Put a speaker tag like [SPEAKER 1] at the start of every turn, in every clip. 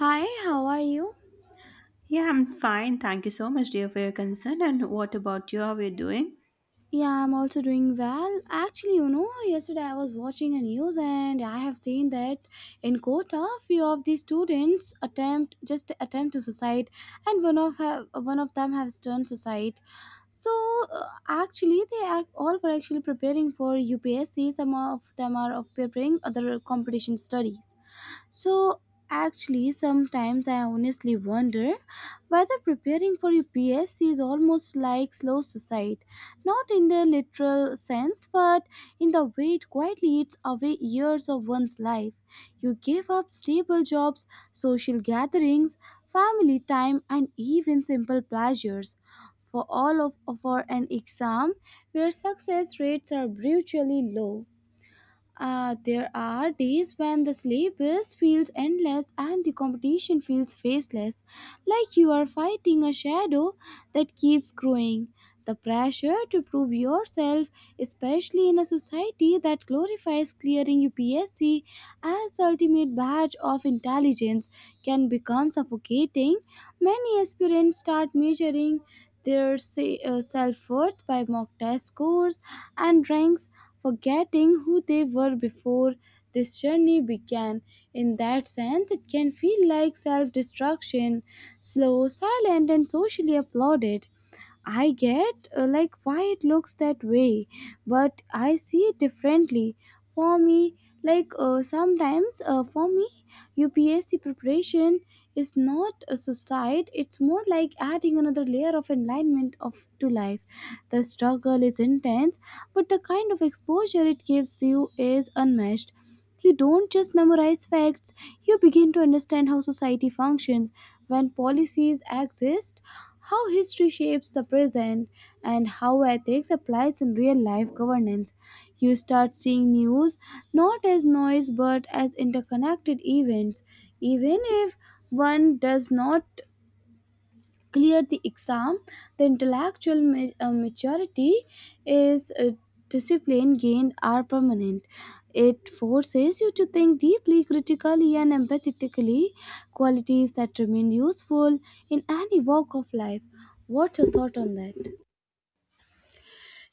[SPEAKER 1] Hi, how are you?
[SPEAKER 2] Yeah, I'm fine. Thank you so much, dear, for your concern. And what about you? How are you doing?
[SPEAKER 1] Yeah, I'm also doing well. Actually, you know, yesterday I was watching a news and I have seen that in Kota, few of the students attempt just attempt to suicide, and one of have, one of them has turned suicide. So Actually, they are all were actually preparing for UPSC. Some of them are of preparing other competition studies. So, actually, sometimes I honestly wonder whether preparing for UPSC is almost like slow suicide, not in the literal sense, but in the way it quietly eats away years of one's life. You give up stable jobs, social gatherings, family time, and even simple pleasures. For all of for an exam where success rates are brutally low. There are days when the syllabus feels endless and the competition feels faceless, like you are fighting a shadow that keeps growing. The pressure to prove yourself, especially in a society that glorifies clearing UPSC as the ultimate badge of intelligence, can become suffocating. Many aspirants start measuring their self-worth by mock test scores and ranks, forgetting who they were before this journey began. In that sense, it can feel like self-destruction, slow, silent, and socially applauded. I get like why it looks that way, but I see it differently. For me, like sometimes for me, UPSC preparation is not a suicide. It's more like adding another layer of enlightenment of to life. The struggle is intense, but the kind of exposure it gives you is unmatched. You don't just memorize facts, you begin to understand how society functions, when policies exist, how history shapes the present, and how ethics applies in real life governance. You start seeing news not as noise but as interconnected events, even if one does not clear the exam, the intellectual maturity is discipline gained are permanent. It forces you to think deeply, critically, and empathetically, qualities that remain useful in any walk of life. What's your thought on that?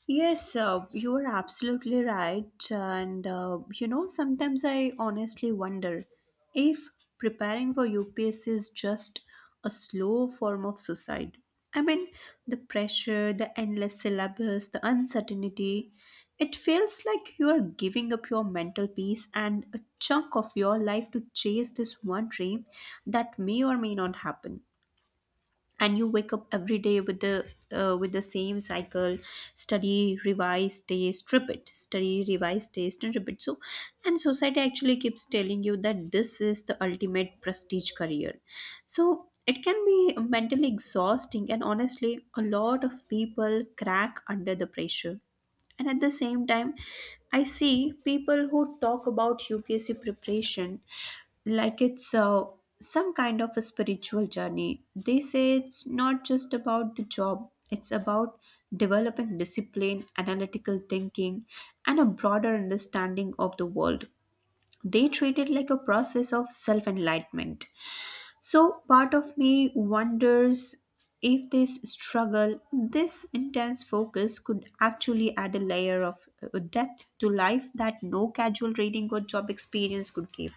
[SPEAKER 2] Yes, you are absolutely right. And sometimes I honestly wonder if preparing for UPSC is just a slow form of suicide. I mean, the pressure, the endless syllabus, the uncertainty, it feels like you are giving up your mental peace and a chunk of your life to chase this one dream that may or may not happen. And you wake up every day with the same cycle: study, revise, test, repeat, study, revise, test, and repeat. So, and society actually keeps telling you that this is the ultimate prestige career, so it can be mentally exhausting, and honestly, a lot of people crack under the pressure. And at the same time, I see people who talk about UPSC preparation like it's some kind of a spiritual journey. They say it's not just about the job, it's about developing discipline, analytical thinking, and a broader understanding of the world. They treat it like a process of self enlightenment. So, part of me wonders if this struggle, this intense focus, could actually add a layer of depth to life that no casual reading or job experience could give.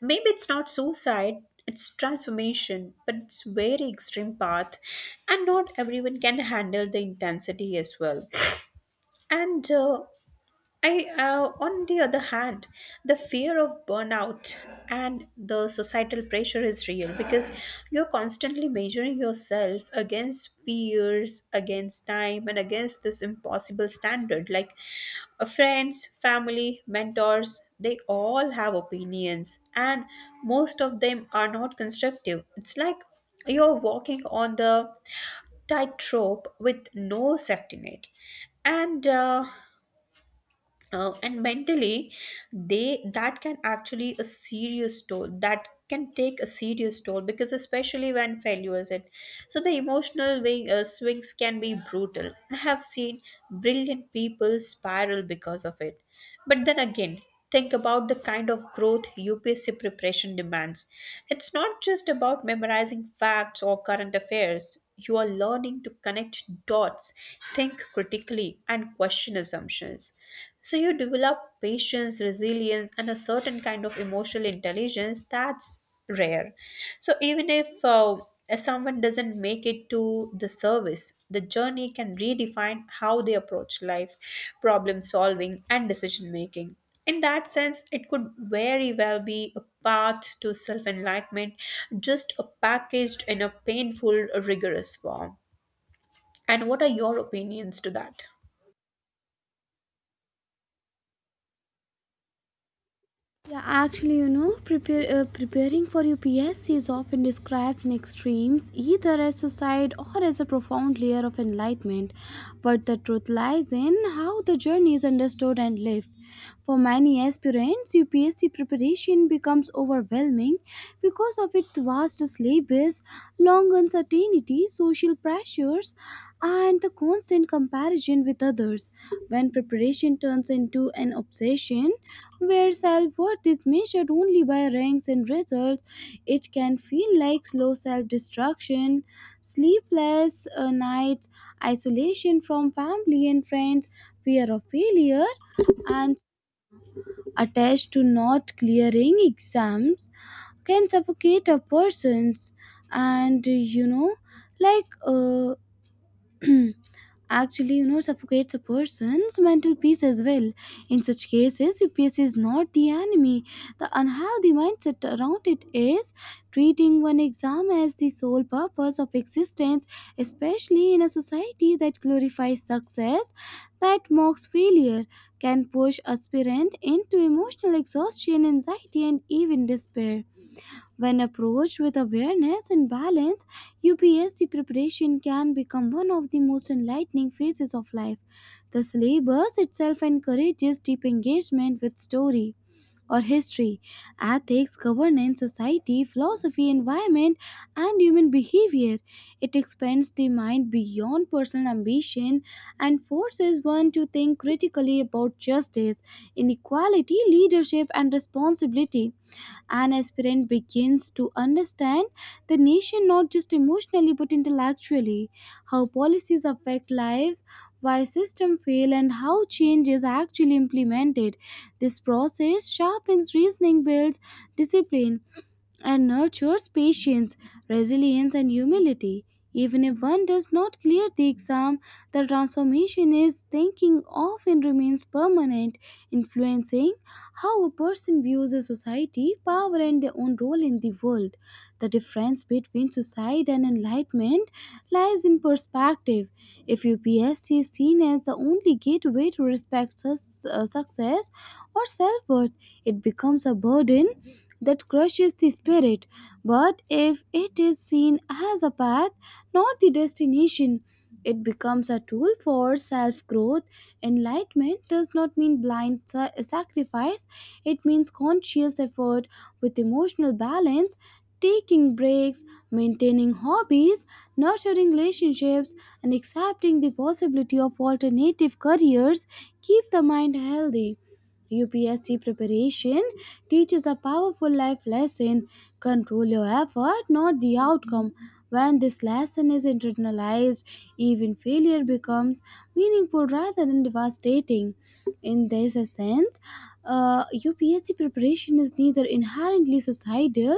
[SPEAKER 2] Maybe it's not suicide, it's transformation, but it's very extreme path, and not everyone can handle the intensity as well. And uh, on the other hand, the fear of burnout and the societal pressure is real because you're constantly measuring yourself against peers, against time, and against this impossible standard. Like friends, family, mentors, they all have opinions, and most of them are not constructive. It's like you're walking on the tightrope with no safety net. And uh, and mentally, they that can actually a serious toll that can take a serious toll, because especially when failures it. So the emotional swings can be brutal. I have seen brilliant people spiral because of it. But then again, think about the kind of growth UPSC preparation demands. It's not just about memorizing facts or current affairs, you are learning to connect dots, think critically, and question assumptions. So you develop patience, resilience, and a certain kind of emotional intelligence that's rare. So even if someone doesn't make it to the service, the journey can redefine how they approach life, problem solving, and decision making. In that sense, it could very well be a path to self enlightenment, just packaged in a painful, rigorous form. And what are your opinions to that?
[SPEAKER 1] Yeah, actually, you know, preparing for your PSC is often described in extremes, either as suicide or as a profound layer of enlightenment. But the truth lies in how the journey is understood and lived. For many aspirants, UPSC preparation becomes overwhelming because of its vast syllabus, long uncertainty, opportunity, social pressures, and the constant comparison with others. When preparation turns into an obsession where self worth is measured only by ranks and results, it can feel like slow self destruction, sleepless nights, isolation from family and friends, fear of failure, and attached to not clearing exams can suffocate a person's, and you know, like uh, actually, you know, suffocates a person's mental peace as well. In such cases, UPS is not the enemy, the unhealthy mindset around it is. Treating one exam as the sole purpose of existence, especially in a society that glorifies success, that mocks failure, can push aspirant into emotional exhaustion, anxiety, and even despair. When approached with awareness and balance, UPSC preparation can become one of the most enlightening phases of life. The syllabus itself encourages deep engagement with story or history, ethics, governance, society, philosophy, environment, and human behavior. It expands the mind beyond personal ambition and forces one to think critically about justice, inequality, leadership, and responsibility. An aspirant begins to understand the nation not just emotionally but intellectually, how policies affect lives, why systems fail, and how change is actually implemented. This process sharpens reasoning, builds discipline, and nurtures patience, resilience, and humility. Even if one does not clear the exam, the transformation is thinking often remains permanent, influencing how a person views a society, power, and their own role in the world. The difference between suicide and enlightenment lies in perspective. If UPSC is seen as the only gateway to respect success or self worth, it becomes a burden that crushes the spirit. But if it is seen as a path, not the destination, it becomes a tool for self growth. Enlightenment does not mean blind sacrifice, it means conscious effort with emotional balance, taking breaks, maintaining hobbies, nurturing relationships, and accepting the possibility of alternative careers keep the mind healthy. UPSC preparation teaches a powerful life lesson: control your effort, not the outcome. When this lesson is internalized, even failure becomes meaningful rather than devastating. In this sense, UPSC preparation is neither inherently suicidal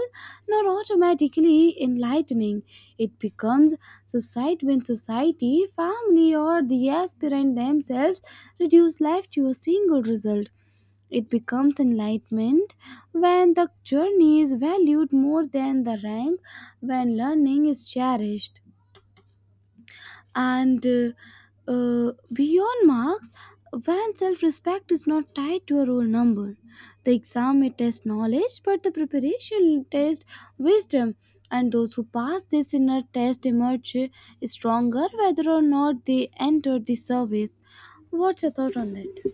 [SPEAKER 1] nor automatically enlightening. It becomes suicide when society, family, or the aspirant themselves reduce life to a single result. It becomes enlightenment when the journey is valued more than the rank, when learning is cherished, and beyond marks, when self respect is not tied to a roll number. The exam may test knowledge, but the preparation test wisdom. And those who pass this inner test emerge stronger whether or not they enter the service. What's your thought on that?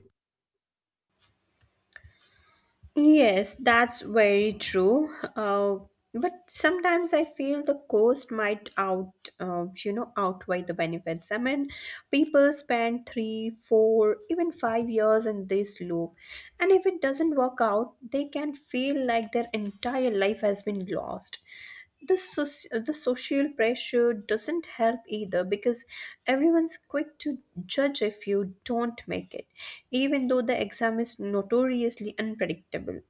[SPEAKER 2] Yes, that's very true. But sometimes I feel the cost might outweigh the benefits. I mean, people spend three, four, even 5 years in this loop, and if it doesn't work out, they can feel like their entire life has been lost. The social pressure doesn't help either, because everyone's quick to judge if you don't make it, even though the exam is notoriously unpredictable.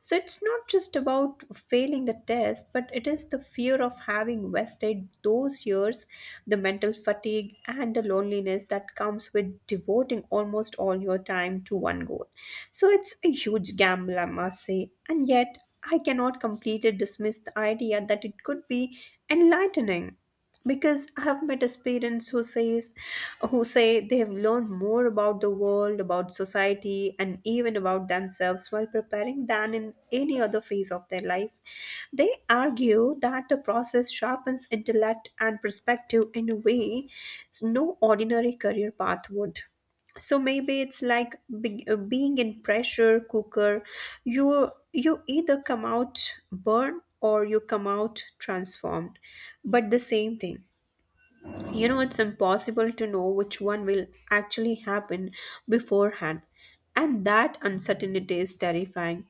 [SPEAKER 2] So it's not just about failing the test, but it is the fear of having wasted those years, the mental fatigue, and the loneliness that comes with devoting almost all your time to one goal. So it's a huge gamble, I must say. And yet, I cannot completely dismiss the idea that it could be enlightening, because I have met as parents who says who say they have learned more about the world, about society, and even about themselves while preparing than in any other phase of their life. They argue that the process sharpens intellect and perspective in a way no ordinary career path would. So maybe it's like being in pressure cooker. You either come out burn or you come out transformed. But the same thing, you know, it's impossible to know which one will actually happen beforehand, and that uncertainty is terrifying.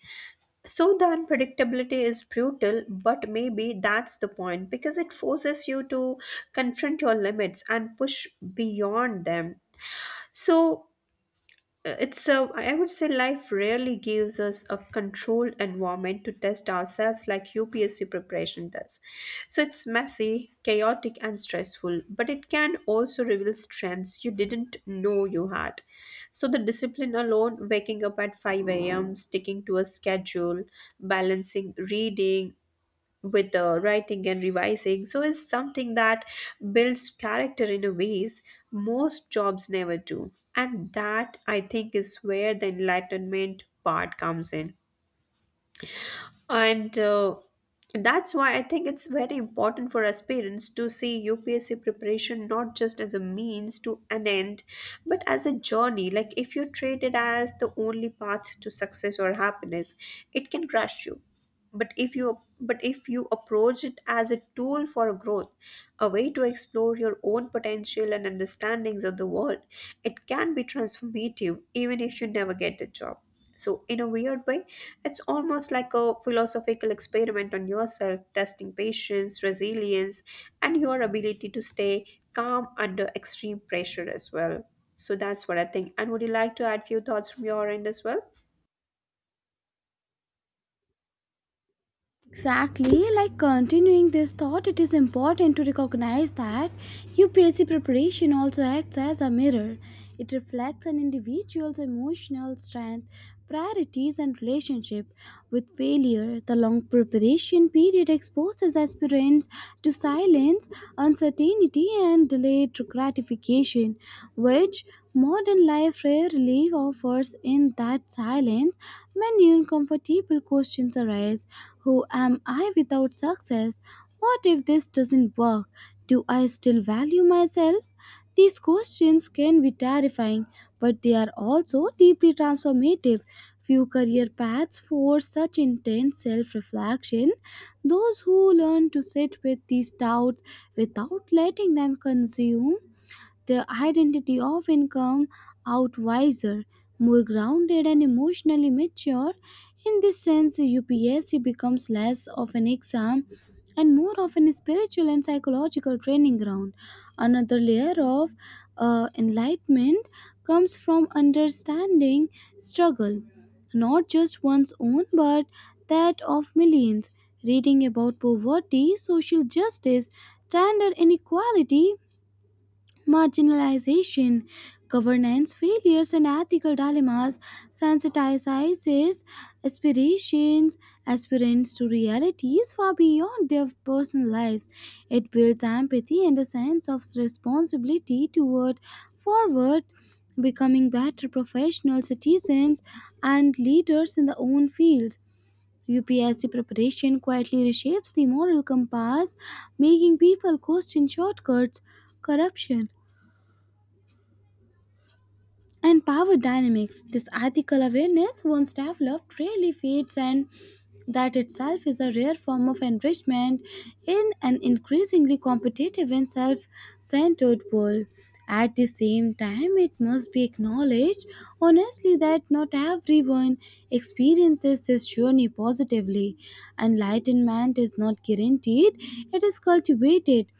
[SPEAKER 2] So the unpredictability is brutal, but maybe that's the point, because it forces you to confront your limits and push beyond them. So it's a I would say life rarely gives us a controlled environment to test ourselves like UPSC preparation does. So it's messy, chaotic, and stressful, but it can also reveal strengths you didn't know you had. So the discipline alone, waking up at 5 a.m., sticking to a schedule, balancing reading with the writing and revising, so it's something that builds character in a ways most jobs never do, and that I think is where the enlightenment part comes in. And That's why I think it's very important for us parents to see UPSC preparation not just as a means to an end, but as a journey. Like if you treat it as the only path to success or happiness, it can crush you. But if you approach it as a tool for growth, a way to explore your own potential and understandings of the world, it can be transformative even if you never get the job. So in a weird way, it's almost like a philosophical experiment on yourself, testing patience, resilience, and your ability to stay calm under extreme pressure as well. So that's what I think, and would you like to add few thoughts from your end as well?
[SPEAKER 1] Exactly, like continuing this thought, it is important to recognize that UPSC preparation also acts as a mirror. It reflects an individual's emotional strength, priorities, and relationship with failure. The long preparation period exposes aspirants to silence, uncertainty, and delayed gratification, which modern life rarely offers. In that silence, many uncomfortable questions arise: who am I without success? What if this doesn't work? Do I still value myself? These questions can be terrifying, but they are also deeply transformative. Few career paths force such intense self reflection. Those who learn to sit with these doubts without letting them consume their identity often come out wiser, more grounded and emotionally mature. In this sense, UPSC becomes less of an exam and more of a spiritual and psychological training ground. Another layer of enlightenment comes from understanding struggle, not just one's own, but that of millions. Reading about poverty, social justice, gender inequality, marginalization, governance failures, and ethical dilemmas sensitizes aspirations aspirants to realities far beyond their personal lives. It builds empathy and a sense of responsibility toward forward becoming better professional citizens and leaders in their own fields. UPSC preparation quietly reshapes the moral compass, making people question shortcuts, corruption, and power dynamics. This ethical awareness once developed rarely fades, and that itself is a rare form of enrichment in an increasingly competitive and self centered world. At the same time, it must be acknowledged honestly that not everyone experiences this journey positively. Enlightenment is not guaranteed, it is cultivated.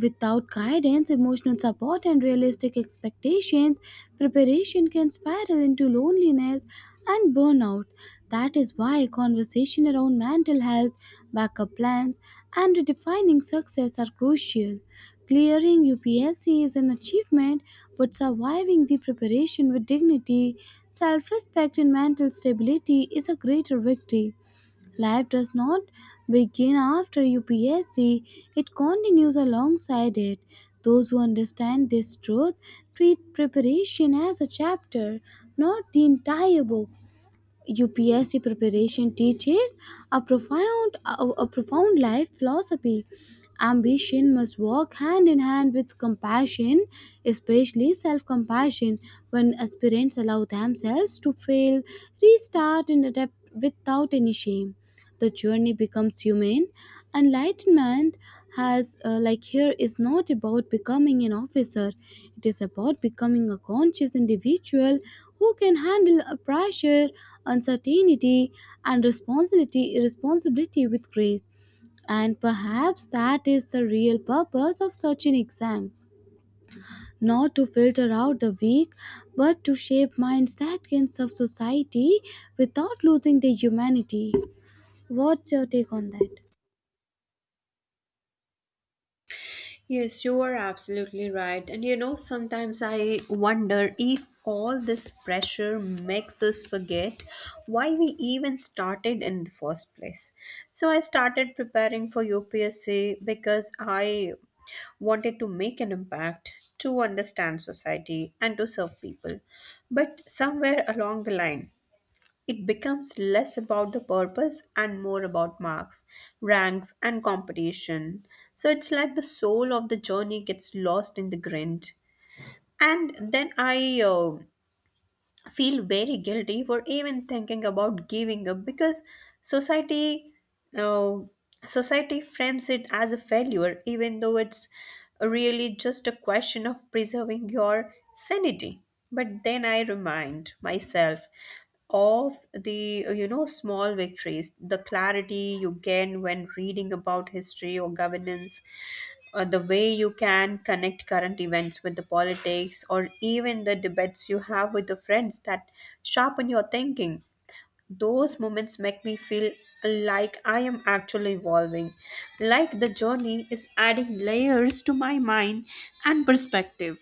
[SPEAKER 1] Without guidance, emotional support, and realistic expectations, preparation can spiral into loneliness and burnout. That is why conversation around mental health, backup plans, and redefining success are crucial. Clearing UPSC is an achievement, but surviving the preparation with dignity, self respect, and mental stability is a greater victory. Life does not begin after UPSC, it continues alongside it. Those who understand this truth treat preparation as a chapter, not the entire book. UPSC preparation teaches a profound life philosophy. Ambition must walk hand in hand with compassion, especially self-compassion. When aspirants allow themselves to fail, restart and adapt without any shame, the journey becomes humane. Enlightenment here is not about becoming an officer, it is about becoming a conscious individual who can handle a pressure, uncertainty, and responsibility with grace. And perhaps that is the real purpose of such an exam: not to filter out the weak, but to shape minds that can serve society without losing their humanity. What's your take on that?
[SPEAKER 2] Yes, you are absolutely right. And you know, sometimes I wonder if all this pressure makes us forget why we even started in the first place. So I started preparing for UPSC because I wanted to make an impact, to understand society, and to serve people. But somewhere along the line, it becomes less about the purpose and more about marks, ranks, and competition. So it's like the soul of the journey gets lost in the grind. And then I feel very guilty for even thinking about giving up, because society uh, society frames it as a failure, even though it's really just a question of preserving your sanity. But then I remind myself of the you know, small victories, the clarity you gain when reading about history or governance, the way you can connect current events with the politics, or even the debates you have with the friends that sharpen your thinking. Those moments make me feel like I am actually evolving, like the journey is adding layers to my mind and perspective.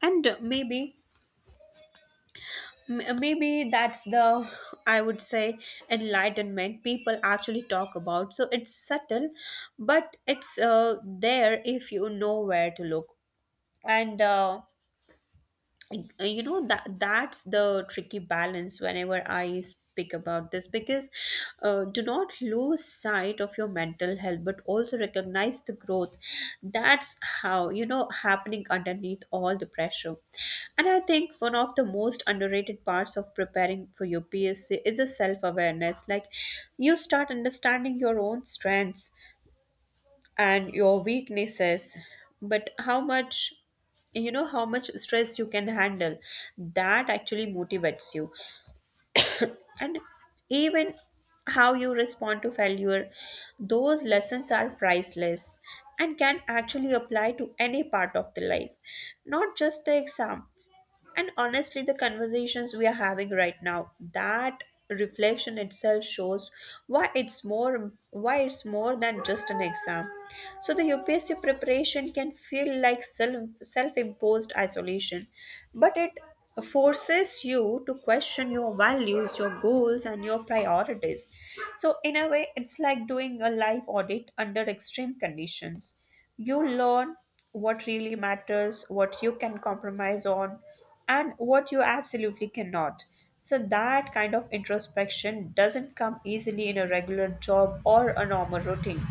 [SPEAKER 2] And maybe that's the I would say enlightenment people actually talk about. So it's subtle, but it's there if you know where to look. And you know, that's the tricky balance whenever I speak about this, because do not lose sight of your mental health, but also recognize the growth that's, how you know, happening underneath all the pressure. And I think one of the most underrated parts of preparing for your PSC is a self awareness. Like you start understanding your own strengths and your weaknesses, but how much, you know, how much stress you can handle, that actually motivates you, and even how you respond to failure. Those lessons are priceless and can actually apply to any part of the life, not just the exam. And honestly, the conversations we are having right now, that reflection itself shows why it's more than just an exam. So the UPSC preparation can feel like self-imposed isolation, but it forces you to question your values, your goals, and your priorities. So in a way, it's like doing a life audit under extreme conditions. You learn what really matters, what you can compromise on, and what you absolutely cannot. So that kind of introspection doesn't come easily in a regular job or a normal routine.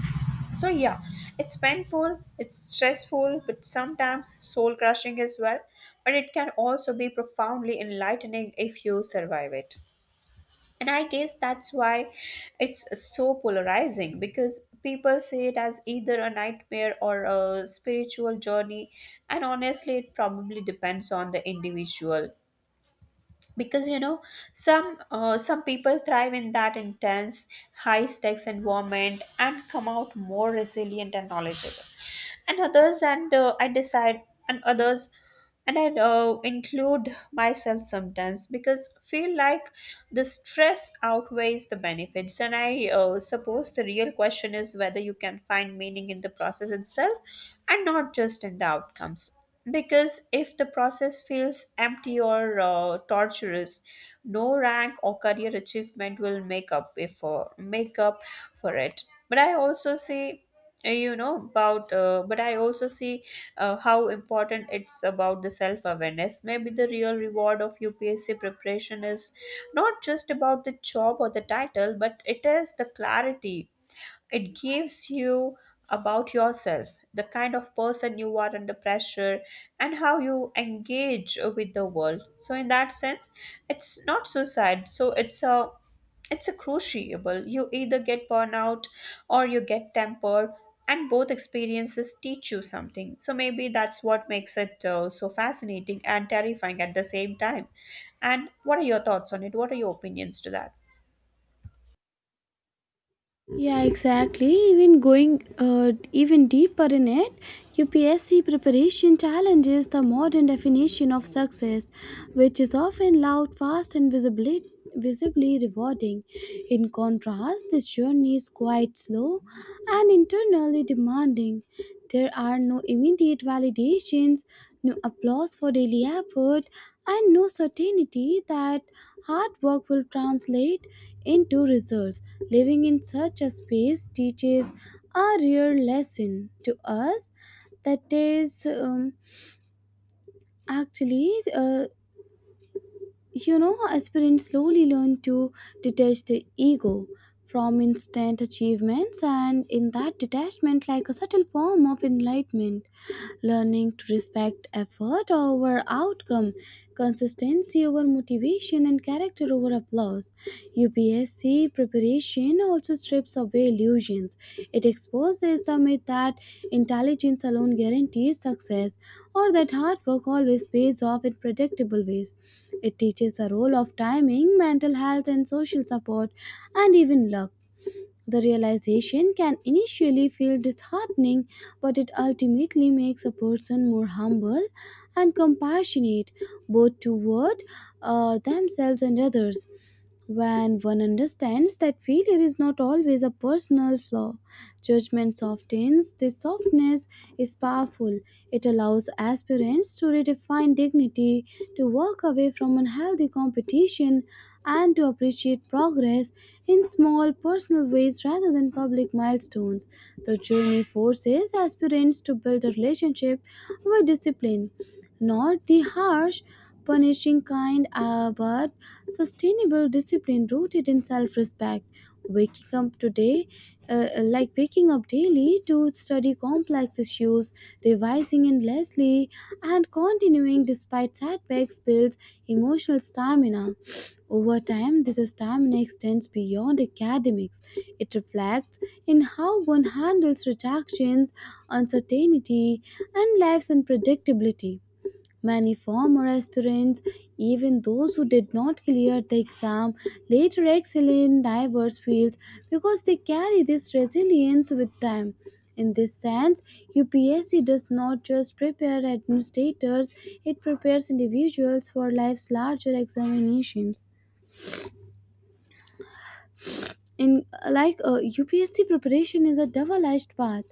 [SPEAKER 2] So, yeah, it's painful, it's stressful, but sometimes soul crushing as well. But it can also be profoundly enlightening if you survive it. And I guess that's why it's so polarizing, because people see it as either a nightmare or a spiritual journey. And honestly, it probably depends on the individual, because you know, some people thrive in that intense, high stakes environment and come out more resilient and knowledgeable, and others and uh, i decide and others, and I include myself sometimes, because feel like the stress outweighs the benefits. And I suppose the real question is whether you can find meaning in the process itself and not just in the outcomes, because if the process feels empty or torturous, no rank or career achievement will make up for it. But I also see, you know, about but I also see how important it's about the self awareness. Maybe the real reward of UPSC preparation is not just about the job or the title, but it is the clarity it gives you about yourself, the kind of person you are under pressure, and how you engage with the world. So, in that sense, it's not suicide. So, it's a crucible. You either get burnout or you get tempered, and both experiences teach you something. So maybe that's what makes it so fascinating and terrifying at the same time. And what are your thoughts on it? What are your opinions to that?
[SPEAKER 1] Yeah, exactly. Even deeper in it, UPSC preparation challenges the modern definition of success, which is often loud, fast, and visibly rewarding. In contrast, this journey is quite slow and internally demanding. There are no immediate validations, no applause for daily effort, and no certainty that hard work will translate into results. Living in such a space teaches a real lesson to us, that is actually, uh, you know, aspirants slowly learn to detach the ego from instant achievements, and in that detachment like a subtle form of enlightenment, learning to respect effort over outcome, consistency over motivation, and character over applause. UPSC preparation also strips away illusions. It exposes the myth that intelligence alone guarantees success or that hard work always pays off in predictable ways. It teaches the role of timing, mental health, and social support, and even luck. The realization can initially feel disheartening, but it ultimately makes a person more humble and compassionate, both toward themselves and others, when one understands that failure is not always a personal flaw. Judgment softens. This softness is powerful. It allows aspirants to redefine dignity, to walk away from unhealthy competition, and to appreciate progress in small personal ways rather than public milestones. The journey forces aspirants to build a relationship with discipline, not the harsh, punishing kind, but sustainable discipline rooted in self respect. Waking up today, Waking up daily to study complex issues, revising endlessly, and continuing despite setbacks builds emotional stamina. Over time, this stamina extends beyond academics. It reflects in how one handles rejections, uncertainty, and life's unpredictability. Many former aspirants, even those who did not clear the exam, later excel in diverse fields because they carry this resilience with them. In this sense, UPSC does not just prepare administrators, it prepares individuals for life's larger examinations. In like UPSC preparation is a double-edged path.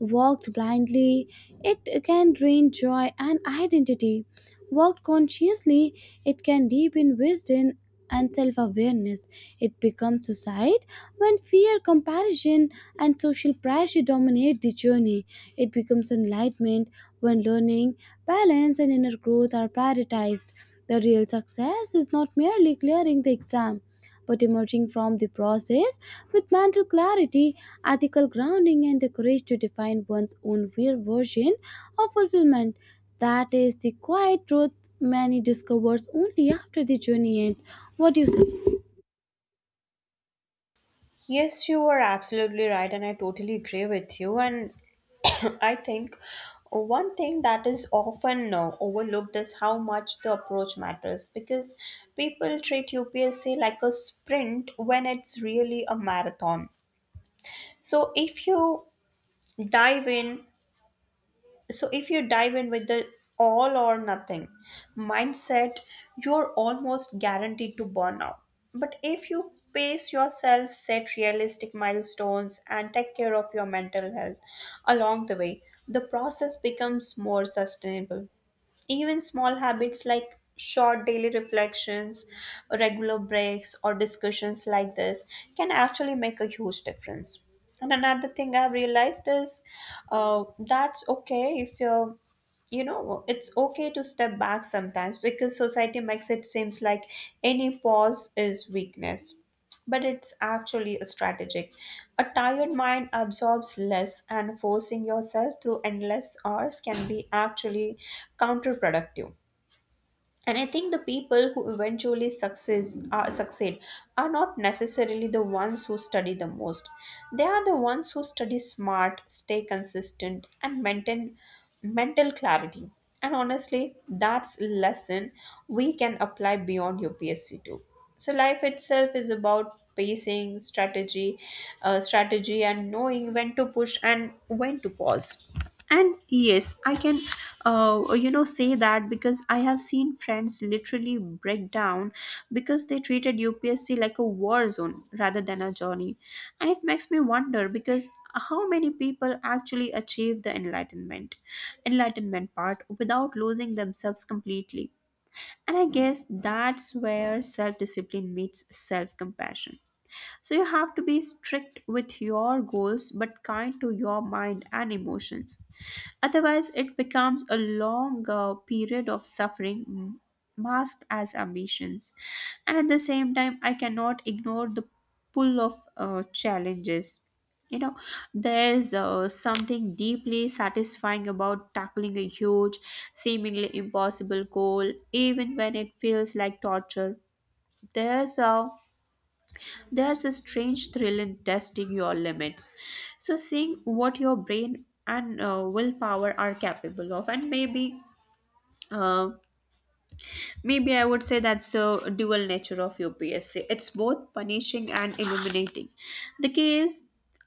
[SPEAKER 1] Walked blindly, it can drain joy and identity. Walked consciously, it can deepen wisdom and self-awareness. It becomes suicide when fear, comparison, and social pressure dominate the journey. It becomes enlightenment when learning, balance, and inner growth are prioritized. The real success is not merely clearing the exam but emerging from the process with mental clarity, ethical grounding, and the courage to define one's own real version of fulfillment. That is the quiet truth many discovers only after the journey ends. What do you say?
[SPEAKER 2] Yes, you are absolutely right, and I totally agree with you. And I think one thing that is often overlooked is how much the approach matters, because people treat UPSC like a sprint when it's really a marathon. So if you dive in so if you dive in with the all or nothing mindset, you're almost guaranteed to burn out. But if you pace yourself, set realistic milestones, and take care of your mental health along the way, the process becomes more sustainable. Even small habits like short daily reflections, regular breaks, or discussions like this can actually make a huge difference. And another thing I've realized is that's okay if you're, you know, it's okay to step back sometimes, because society makes it seems like any pause is weakness, but it's actually a strategic. A tired mind absorbs less, and forcing yourself through endless hours can be actually counterproductive. And I think the people who eventually success are succeed are not necessarily the ones who study the most. They are the ones who study smart, stay consistent, and maintain mental clarity. And honestly, that's lesson we can apply beyond your PSC too. So life itself is about pacing, strategy, strategy, and knowing when to push and when to pause. And yes, I can, you know, say that because I have seen friends literally break down because they treated UPSC like a war zone rather than a journey. And it makes me wonder, because how many people actually achieve the enlightenment part without losing themselves completely? And I guess that's where self discipline meets self compassion. So you have to be strict with your goals but kind to your mind and emotions. Otherwise, it becomes a long period of suffering, masked as ambitions. And at the same time, I cannot ignore the pull of challenges. You know, there's something deeply satisfying about tackling a huge, seemingly impossible goal, even when it feels like torture. There's a there's a strange thrill in testing your limits. So, seeing what your brain and willpower are capable of, and Uh, maybe, I would say that's the dual nature of UPSC. It's both punishing and illuminating. The key is,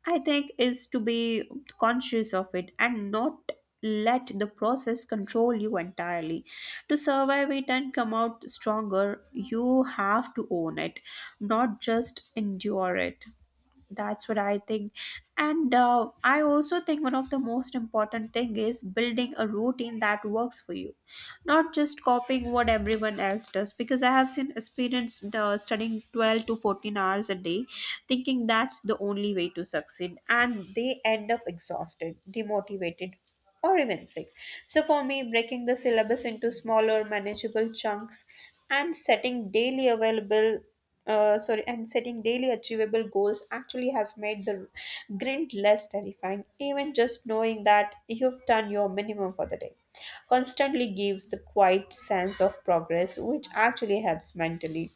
[SPEAKER 2] I think, is to be conscious of it and not let the process control you entirely. To survive it and come out stronger, you have to own it, not just endure it. That's what I think. And I also think one of the most important thing is building a routine that works for you, not just copying what everyone else does, because I have seen experienced studying 12 to 14 hours a day thinking that's the only way to succeed, and they end up exhausted, demotivated, or even sick. So for me, breaking the syllabus into smaller manageable chunks and setting daily available sorry, and setting daily achievable goals actually has made the grind less terrifying. Even just knowing that you've done your minimum for the day constantly gives the quiet sense of progress, which actually helps mentally.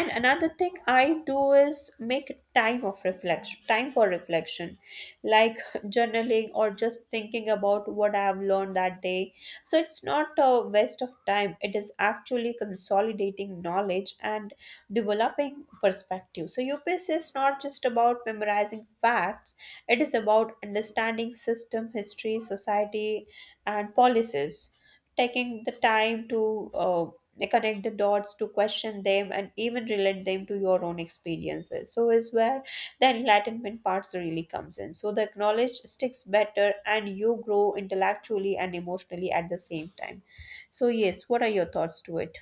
[SPEAKER 2] And another thing I do is make time of reflection time for reflection, like journaling or just thinking about what I have learned that day. So it's not a waste of time, it is actually consolidating knowledge and developing perspective. So UPSC is not just about memorizing facts, it is about understanding system, history, society, and policies. Taking the time to connect the dots, to question them, and even relate them to your own experiences, so is where the enlightenment parts really comes in. So the knowledge sticks better and you grow intellectually and emotionally at the same time. So yes, what are your thoughts to it?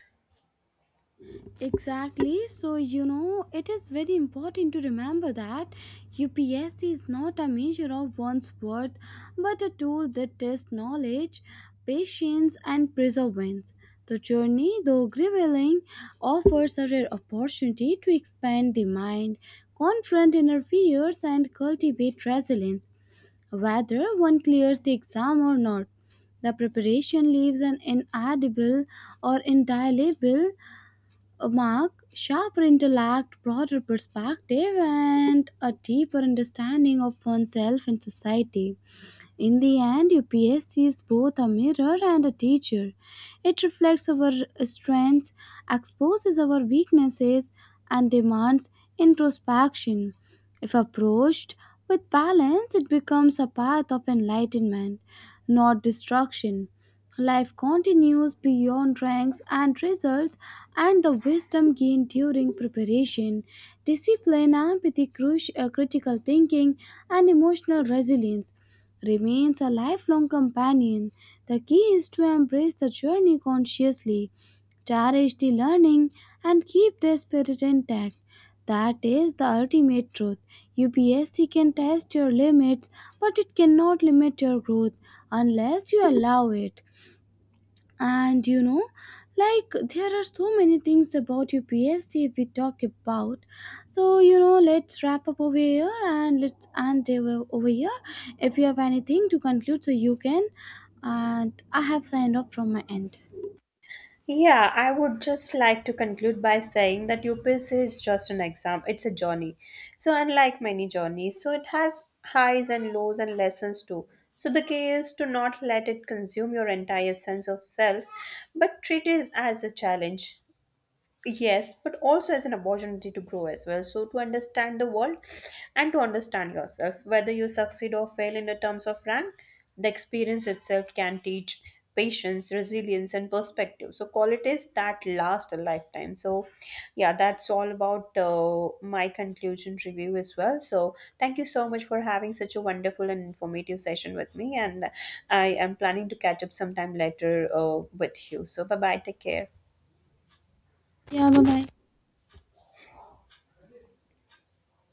[SPEAKER 1] Exactly. So, you know, it is very important to remember that UPSC is not a measure of one's worth, but a tool that tests knowledge, patience, and perseverance. The journey, though grueling, offers a rare opportunity to expand the mind, confront inner fears, and cultivate resilience, whether one clears the exam or not. The preparation leaves an inedible or indelible a mark, sharper intellect, broader perspective, and a deeper understanding of oneself and society. In the end, UPSC is both a mirror and a teacher. It reflects our strengths, exposes our weaknesses, and demands introspection. If approached with balance, it becomes a path of enlightenment, not destruction. Life continues beyond ranks and results, and the wisdom gained during preparation, discipline, empathy, critical thinking, and emotional resilience remains a lifelong companion. The key is to embrace the journey consciously, cherish the learning, and keep the spirit intact. That is the ultimate truth. UPSC can test your limits, but it cannot limit your growth unless you allow it. And you know, like there are so many things about your PhD if we talk about. So you know, let's wrap up over here and let's end over here. If you have anything to conclude, so you can. And I have signed off from my end.
[SPEAKER 2] Yeah, I would just like to conclude by saying that UPSC is just an exam, it's a journey. So, unlike many journeys, so it has highs and lows and lessons too. So, the key is to not let it consume your entire sense of self, but treat it as a challenge. Yes, but also as an opportunity to grow as well. So, to understand the world and to understand yourself, whether you succeed or fail in the terms of rank, the experience itself can teach patience, resilience, and perspective. So, qualities that last a lifetime. So, yeah, that's all about my conclusion review as well. So, thank you so much for having such a wonderful and informative session with me. And I am planning to catch up sometime later with you. So, bye bye. Take care.
[SPEAKER 1] Yeah, bye bye.